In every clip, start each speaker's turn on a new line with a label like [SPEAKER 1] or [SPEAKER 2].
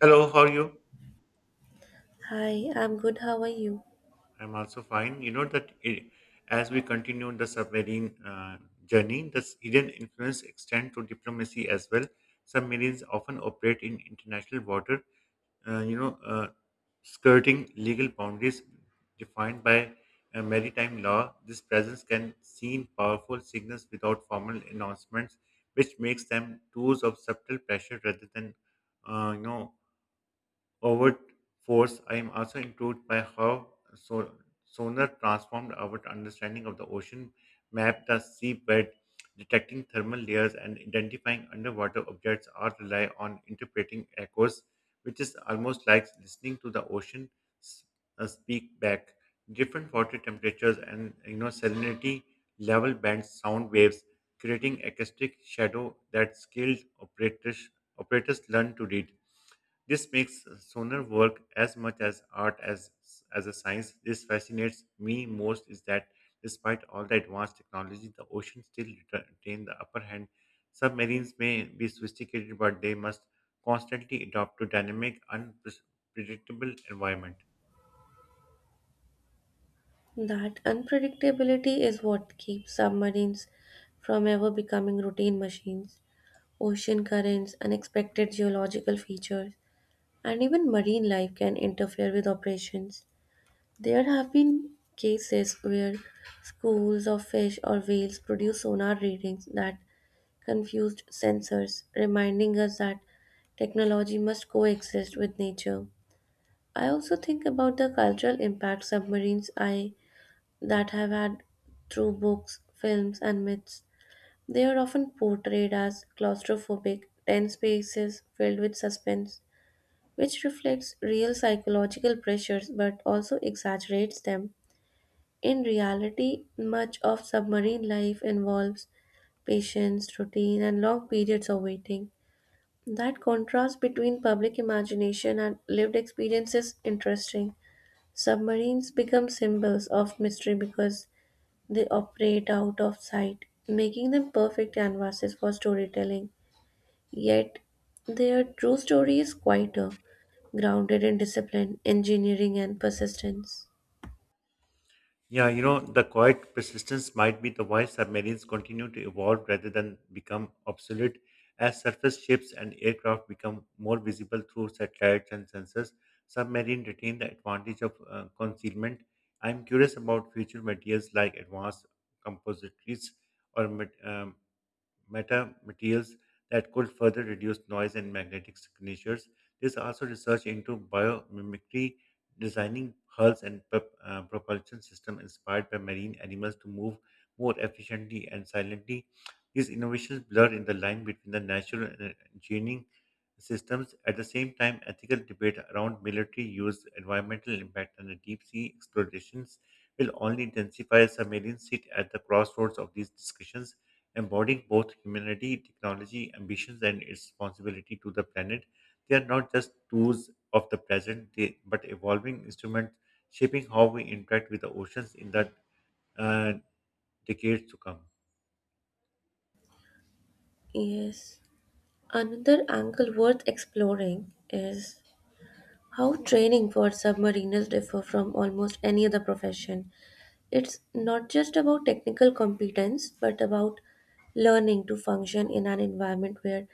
[SPEAKER 1] Hello, how are you?
[SPEAKER 2] Hi, I'm good. How are you?
[SPEAKER 1] I'm also fine. You know that as we continue the submarine journey, the Iranian influence extend to diplomacy as well. Submarines often operate in international water, uh, you know, uh, skirting legal boundaries defined by maritime law. This presence can seem powerful signals without formal announcements, which makes them tools of subtle pressure rather than, uh, you know, overt force. I am also intrigued by how sonar transformed our understanding of the ocean, map the seabed, detecting thermal layers, and identifying underwater objects all rely on interpreting echoes, which is almost like listening to the ocean s- speak back. Different water temperatures and salinity level bends sound waves, creating acoustic shadow that skilled operators learn to read. This makes sonar work as much as art as a science. This fascinates me most is that despite all the advanced technology, the ocean still retain the upper hand. Submarines may be sophisticated, but they must constantly adapt to dynamic, unpredictable environment.
[SPEAKER 2] That unpredictability is what keeps submarines from ever becoming routine machines. Ocean currents, unexpected geological features, and even marine life can interfere with operations. There have been cases where schools of fish or whales produce sonar readings that confused sensors, reminding us that technology must coexist with nature. I also think about the cultural impact submarines I that have had through books, films, and myths. They are often portrayed as claustrophobic, tense spaces filled with suspense, which reflects real psychological pressures but also exaggerates them. In reality, much of submarine life involves patience, routine, and long periods of waiting. That contrast between public imagination and lived experience is interesting. Submarines become symbols of mystery because they operate out of sight, making them perfect canvases for storytelling. Yet, their true story is quieter, grounded in discipline, engineering, and persistence.
[SPEAKER 1] Yeah, you know, the quiet persistence might be the why submarines continue to evolve rather than become obsolete. As surface ships and aircraft become more visible through satellites and sensors, submarine retain the advantage of concealment. I'm curious about future materials like advanced composites or meta materials that could further reduce noise and magnetic signatures. There's also research into biomimicry, designing hulls and propulsion systems inspired by marine animals to move more efficiently and silently. These innovations blur in the line between the natural and engineering systems. At the same time, ethical debate around military use, environmental impact, and the deep sea explorations will only intensify. Submarines sit at the crossroads of these discussions embodying both humanity, technology, ambitions, and its responsibility to the planet. They are not just tools of the present, they, but evolving instruments shaping how we interact with the oceans in the uh, decades to come.
[SPEAKER 2] Yes. Another angle worth exploring is how training for submariners differ from almost any other profession. It's not just about technical competence, but about learning to function in an environment where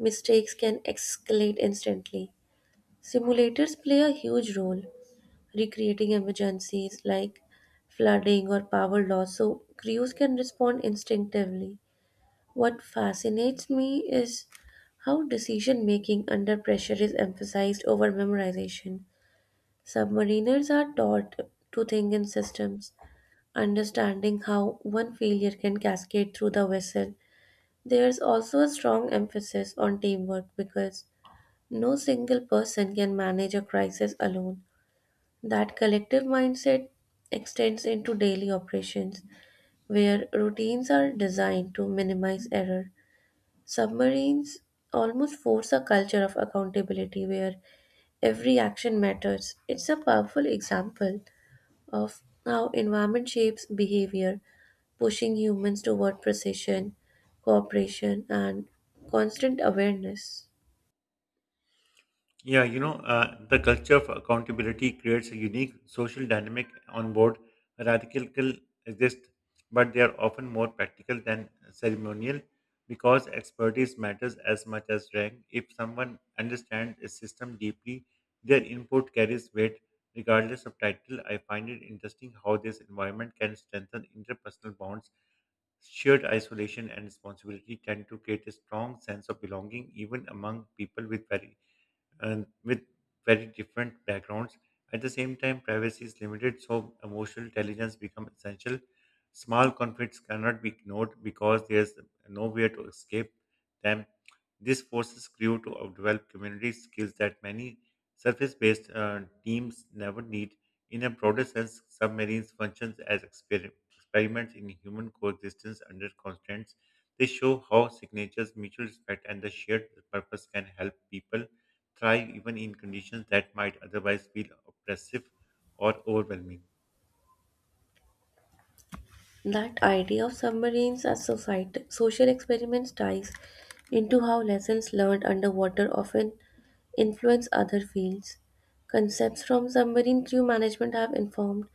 [SPEAKER 2] mistakes can escalate instantly. Simulators play a huge role, recreating emergencies like flooding or power loss so crews can respond instinctively. What fascinates me is how decision making under pressure is emphasized over memorization. Submariners are taught to think in systems, understanding how one failure can cascade through the vessel. There's also a strong emphasis on teamwork because no single person can manage a crisis alone. That collective mindset extends into daily operations, where routines are designed to minimize error. Submarines almost force a culture of accountability where every action matters. It's a powerful example of how environment shapes behavior, pushing humans toward precision, cooperation, and constant awareness.
[SPEAKER 1] Yeah, you know, the culture of accountability creates a unique social dynamic on board. Radical exist, but they are often more practical than ceremonial because expertise matters as much as rank. If someone understands a system deeply, their input carries weight regardless of title. I find it interesting how this environment can strengthen interpersonal bonds. Shared isolation and responsibility tend to create a strong sense of belonging even among people with very and with very different backgrounds. At the same time, privacy is limited, so emotional intelligence becomes essential. Small conflicts cannot be ignored because there's nowhere to escape them. This forces crew to develop community skills that many surface-based teams never need. In a broader sense, submarines functions as experiments in human coexistence under constraints. They show how signatures, mutual respect, and the shared purpose can help people thrive even in conditions that might otherwise feel oppressive or overwhelming.
[SPEAKER 2] That idea of submarines as society, social experiments ties into how lessons learned underwater often influence other fields. Concepts from submarine crew management have informed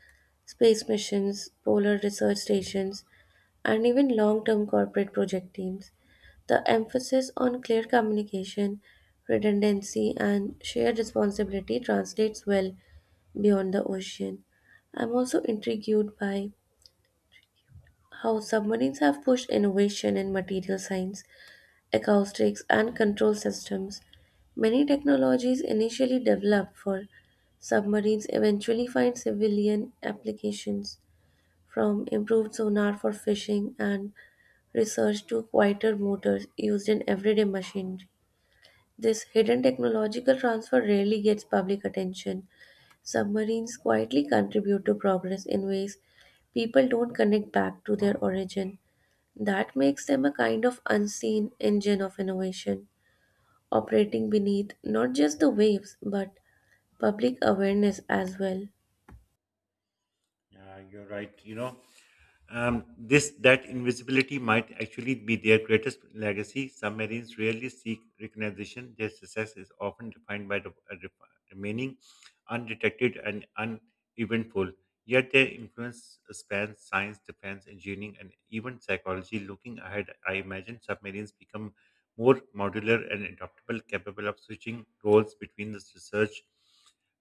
[SPEAKER 2] space missions, polar research stations, and even long term corporate project teams. The emphasis on clear communication, redundancy, and shared responsibility translates well beyond the ocean. I'm also intrigued by how submarines have pushed innovation in material science, acoustics, and control systems. Many technologies initially developed for submarines eventually find civilian applications, from improved sonar for fishing and research to quieter motors used in everyday machinery. This hidden technological transfer rarely gets public attention. Submarines quietly contribute to progress in ways people don't connect back to their origin. That makes them a kind of unseen engine of innovation, operating beneath not just the waves but public awareness as well.
[SPEAKER 1] Yeah, you're right. You know, this that invisibility might actually be their greatest legacy. Submarines rarely seek recognition. Their success is often defined by the remaining undetected and uneventful. Yet their influence spans science, defense, engineering, and even psychology. Looking ahead, I imagine submarines become more modular and adaptable, capable of switching roles between the research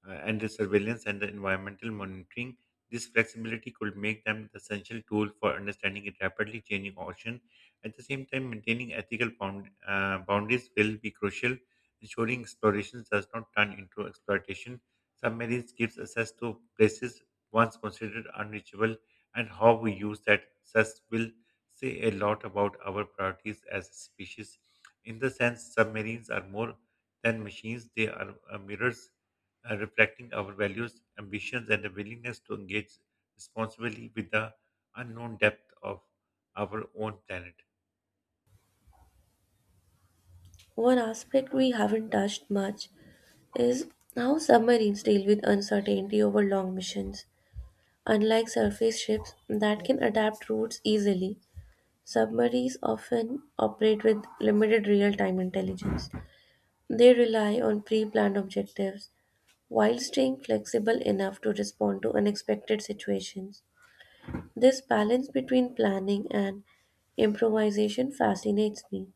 [SPEAKER 1] and the surveillance and the environmental monitoring. This flexibility could make them the essential tool for understanding a rapidly changing ocean. At the same time, maintaining boundaries will be crucial, ensuring exploration does not turn into exploitation. Submarines gives access to places once considered unreachable, and how we use that access will say a lot about our priorities as a species. In the sense, submarines are more than machines; they are mirrors reflecting our values, ambitions, and a willingness to engage responsibly with the unknown depth of our own planet.
[SPEAKER 2] One aspect we haven't touched much is how submarines deal with uncertainty over long missions. Unlike surface ships that can adapt routes easily, submarines often operate with limited real time intelligence. They rely on pre planned objectives, while staying flexible enough to respond to unexpected situations. This balance between planning and improvisation fascinates me.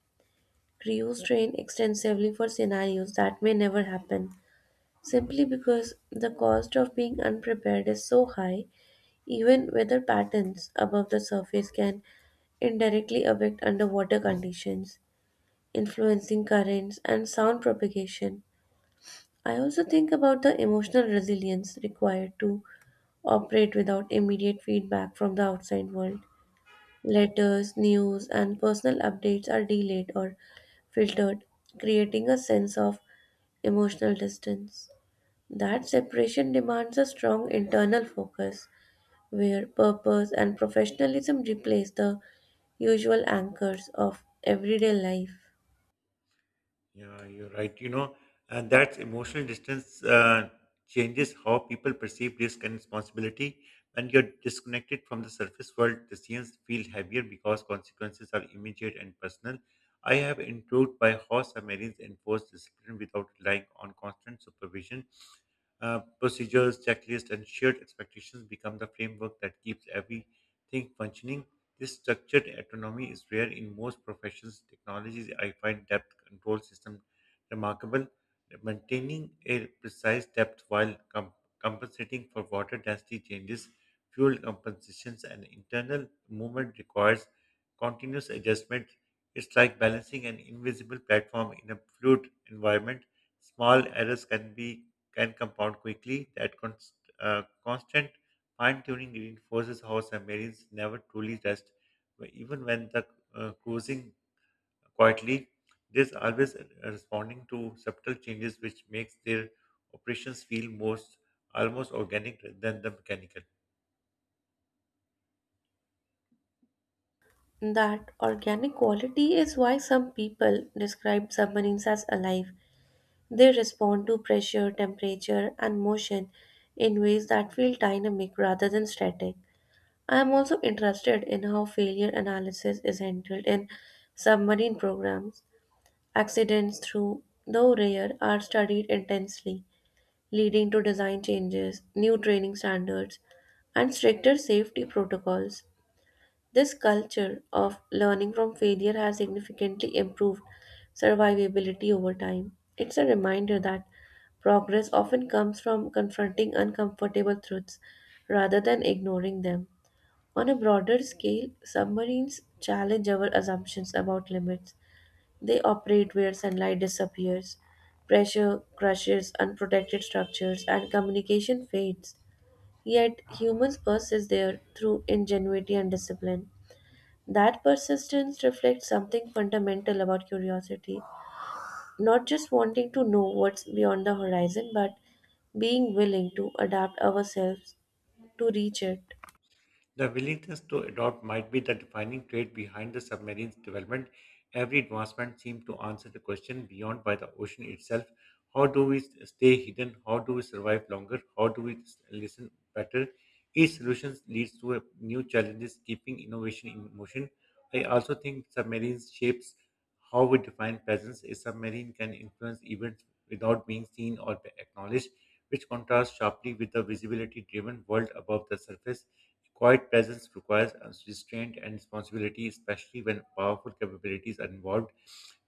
[SPEAKER 2] Crews train extensively for scenarios that may never happen, simply because the cost of being unprepared is so high, even weather patterns above the surface can indirectly affect underwater conditions, influencing currents and sound propagation. I also think about the emotional resilience required to operate without immediate feedback from the outside world. Letters, news, and personal updates are delayed or filtered, creating a sense of emotional distance. That separation demands a strong internal focus, where purpose and professionalism replace the usual anchors of everyday life.
[SPEAKER 1] Yeah, you're right. You know, and that emotional distance changes how people perceive risk and responsibility. When you're disconnected from the surface world, decisions feel heavier because consequences are immediate and personal. I have intrigued by how submarines enforce discipline without relying on constant supervision. Procedures, checklists, and shared expectations become the framework that keeps everything functioning. This structured autonomy is rare in most professions. Technologies, I find depth control system remarkable. Maintaining a precise depth while compensating for water density changes, fuel compensations, and internal movement requires continuous adjustment. It's like balancing an invisible platform in a fluid environment. Small errors can compound quickly. That constant fine tuning reinforces how submarines never truly rest, even when the cruising quietly. There's always responding to subtle changes, which makes their operations feel most almost organic than the mechanical.
[SPEAKER 2] That organic quality is why some people describe submarines as alive. They respond to pressure, temperature, and motion in ways that feel dynamic rather than static. I am also interested in how failure analysis is handled in submarine programs. Accidents, through though rare, are studied intensely, leading to design changes, new training standards, and stricter safety protocols. This culture of learning from failure has significantly improved survivability over time. It's a reminder that progress often comes from confronting uncomfortable truths rather than ignoring them. On a broader scale, submarines challenge our assumptions about limits. They operate where sunlight disappears, pressure crushes unprotected structures, and communication fades. Yet humans persist there through ingenuity and discipline. That persistence reflects something fundamental about curiosity, not just wanting to know what's beyond the horizon, but being willing to adapt ourselves to reach it.
[SPEAKER 1] The willingness to adopt might be the defining trait behind the submarine's development. Every advancement seemed to answer the question beyond by the ocean itself. How do we stay hidden? How do we survive longer? How do we listen better? Each solution leads to a new challenges, keeping innovation in motion. I also think submarines shapes how we define presence. A submarine can influence events without being seen or acknowledged, which contrasts sharply with the visibility-driven world above the surface. Quiet presence requires restraint and responsibility, especially when powerful capabilities are involved.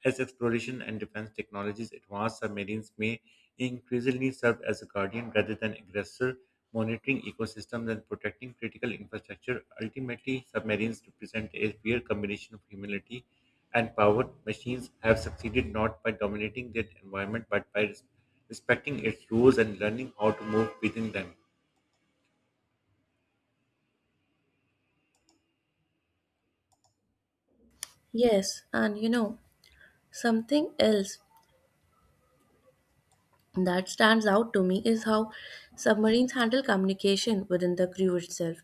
[SPEAKER 1] As exploration and defense technologies advance, submarines may increasingly serve as a guardian rather than aggressor, monitoring ecosystems and protecting critical infrastructure. Ultimately, submarines represent a rare combination of humility and power. Machines have succeeded not by dominating their environment but by respecting its rules and learning how to move within them.
[SPEAKER 2] Yes, and you know, something else that stands out to me is how submarines handle communication within the crew itself.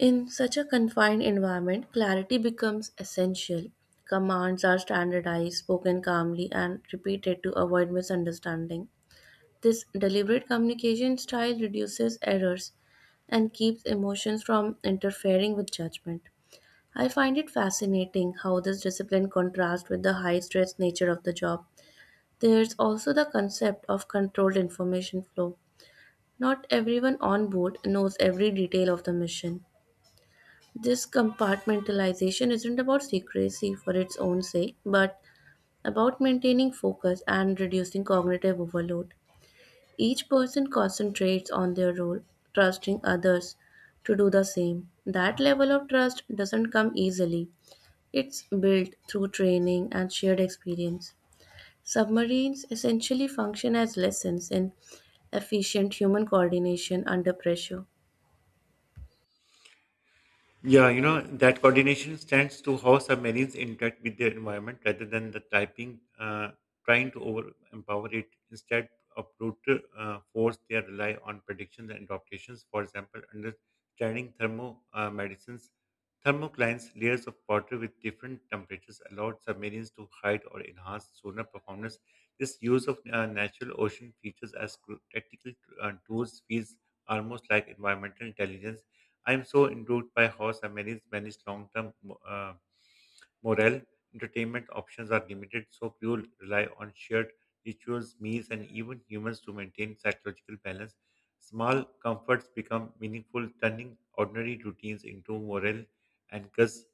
[SPEAKER 2] In such a confined environment, clarity becomes essential. Commands are standardized, spoken calmly, and repeated to avoid misunderstanding. This deliberate communication style reduces errors and keeps emotions from interfering with judgment. I find it fascinating how this discipline contrasts with the high stress nature of the job. There's also the concept of controlled information flow. Not everyone on board knows every detail of the mission. This compartmentalization isn't about secrecy for its own sake, but about maintaining focus and reducing cognitive overload. Each person concentrates on their role, trusting others to do the same. That level of trust doesn't come easily. It's built through training and shared experience. Submarines essentially function as lessons in efficient human coordination under pressure.
[SPEAKER 1] Yeah, you know, that coordination stands to how submarines interact with their environment rather than the typing trying to over empower it. Instead of brutal force, they rely on predictions and adaptations. For example, understanding thermoclines, layers of water with different temperatures allowed submarines to hide or enhance sonar performance. This use of natural ocean features as tactical tools feels almost like environmental intelligence. I'm so endured by how Samaris manage long term uh, morale. Entertainment options are limited, so few rely on shared rituals, meals, and even humans to maintain psychological balance. Small comforts become meaningful, turning ordinary routines into morale anchors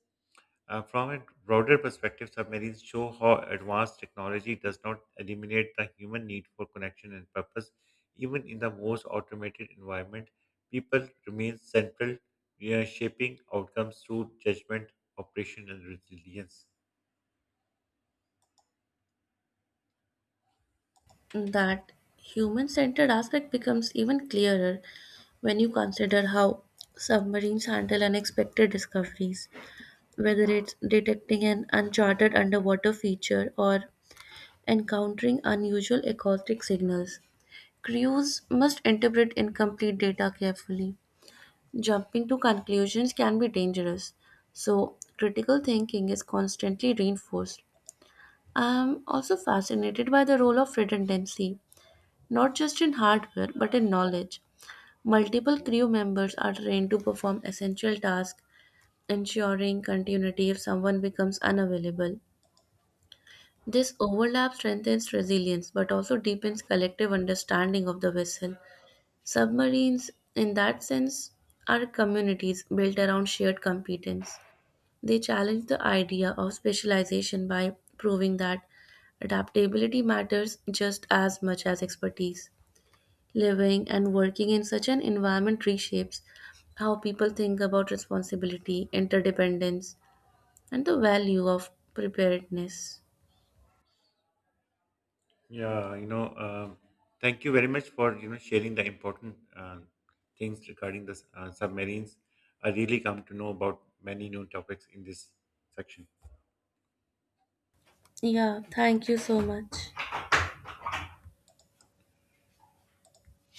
[SPEAKER 1] uh, From a broader perspective, submarines show how advanced technology does not eliminate the human need for connection and purpose. Even in the most automated environment, people remain central, shaping outcomes through judgment, operation, and resilience.
[SPEAKER 2] That human centered aspect becomes even clearer when you consider how submarines handle unexpected discoveries, whether it's detecting an uncharted underwater feature or encountering unusual acoustic signals. Crews must interpret incomplete data carefully. Jumping to conclusions can be dangerous, so critical thinking is constantly reinforced. I'm also fascinated by the role of redundancy, not just in hardware but in knowledge. Multiple crew members are trained to perform essential tasks, ensuring continuity if someone becomes unavailable. This overlap strengthens resilience but also deepens collective understanding of the vessel. Submarines, in that sense, are communities built around shared competence. They challenge the idea of specialization by proving that adaptability matters just as much as expertise. Living and working in such an environment reshapes how people think about responsibility, interdependence, and the value of preparedness.
[SPEAKER 1] Yeah, thank you very much for sharing the important things regarding the submarines. I really come to know about many new topics in this section.
[SPEAKER 2] Yeah, thank you so much.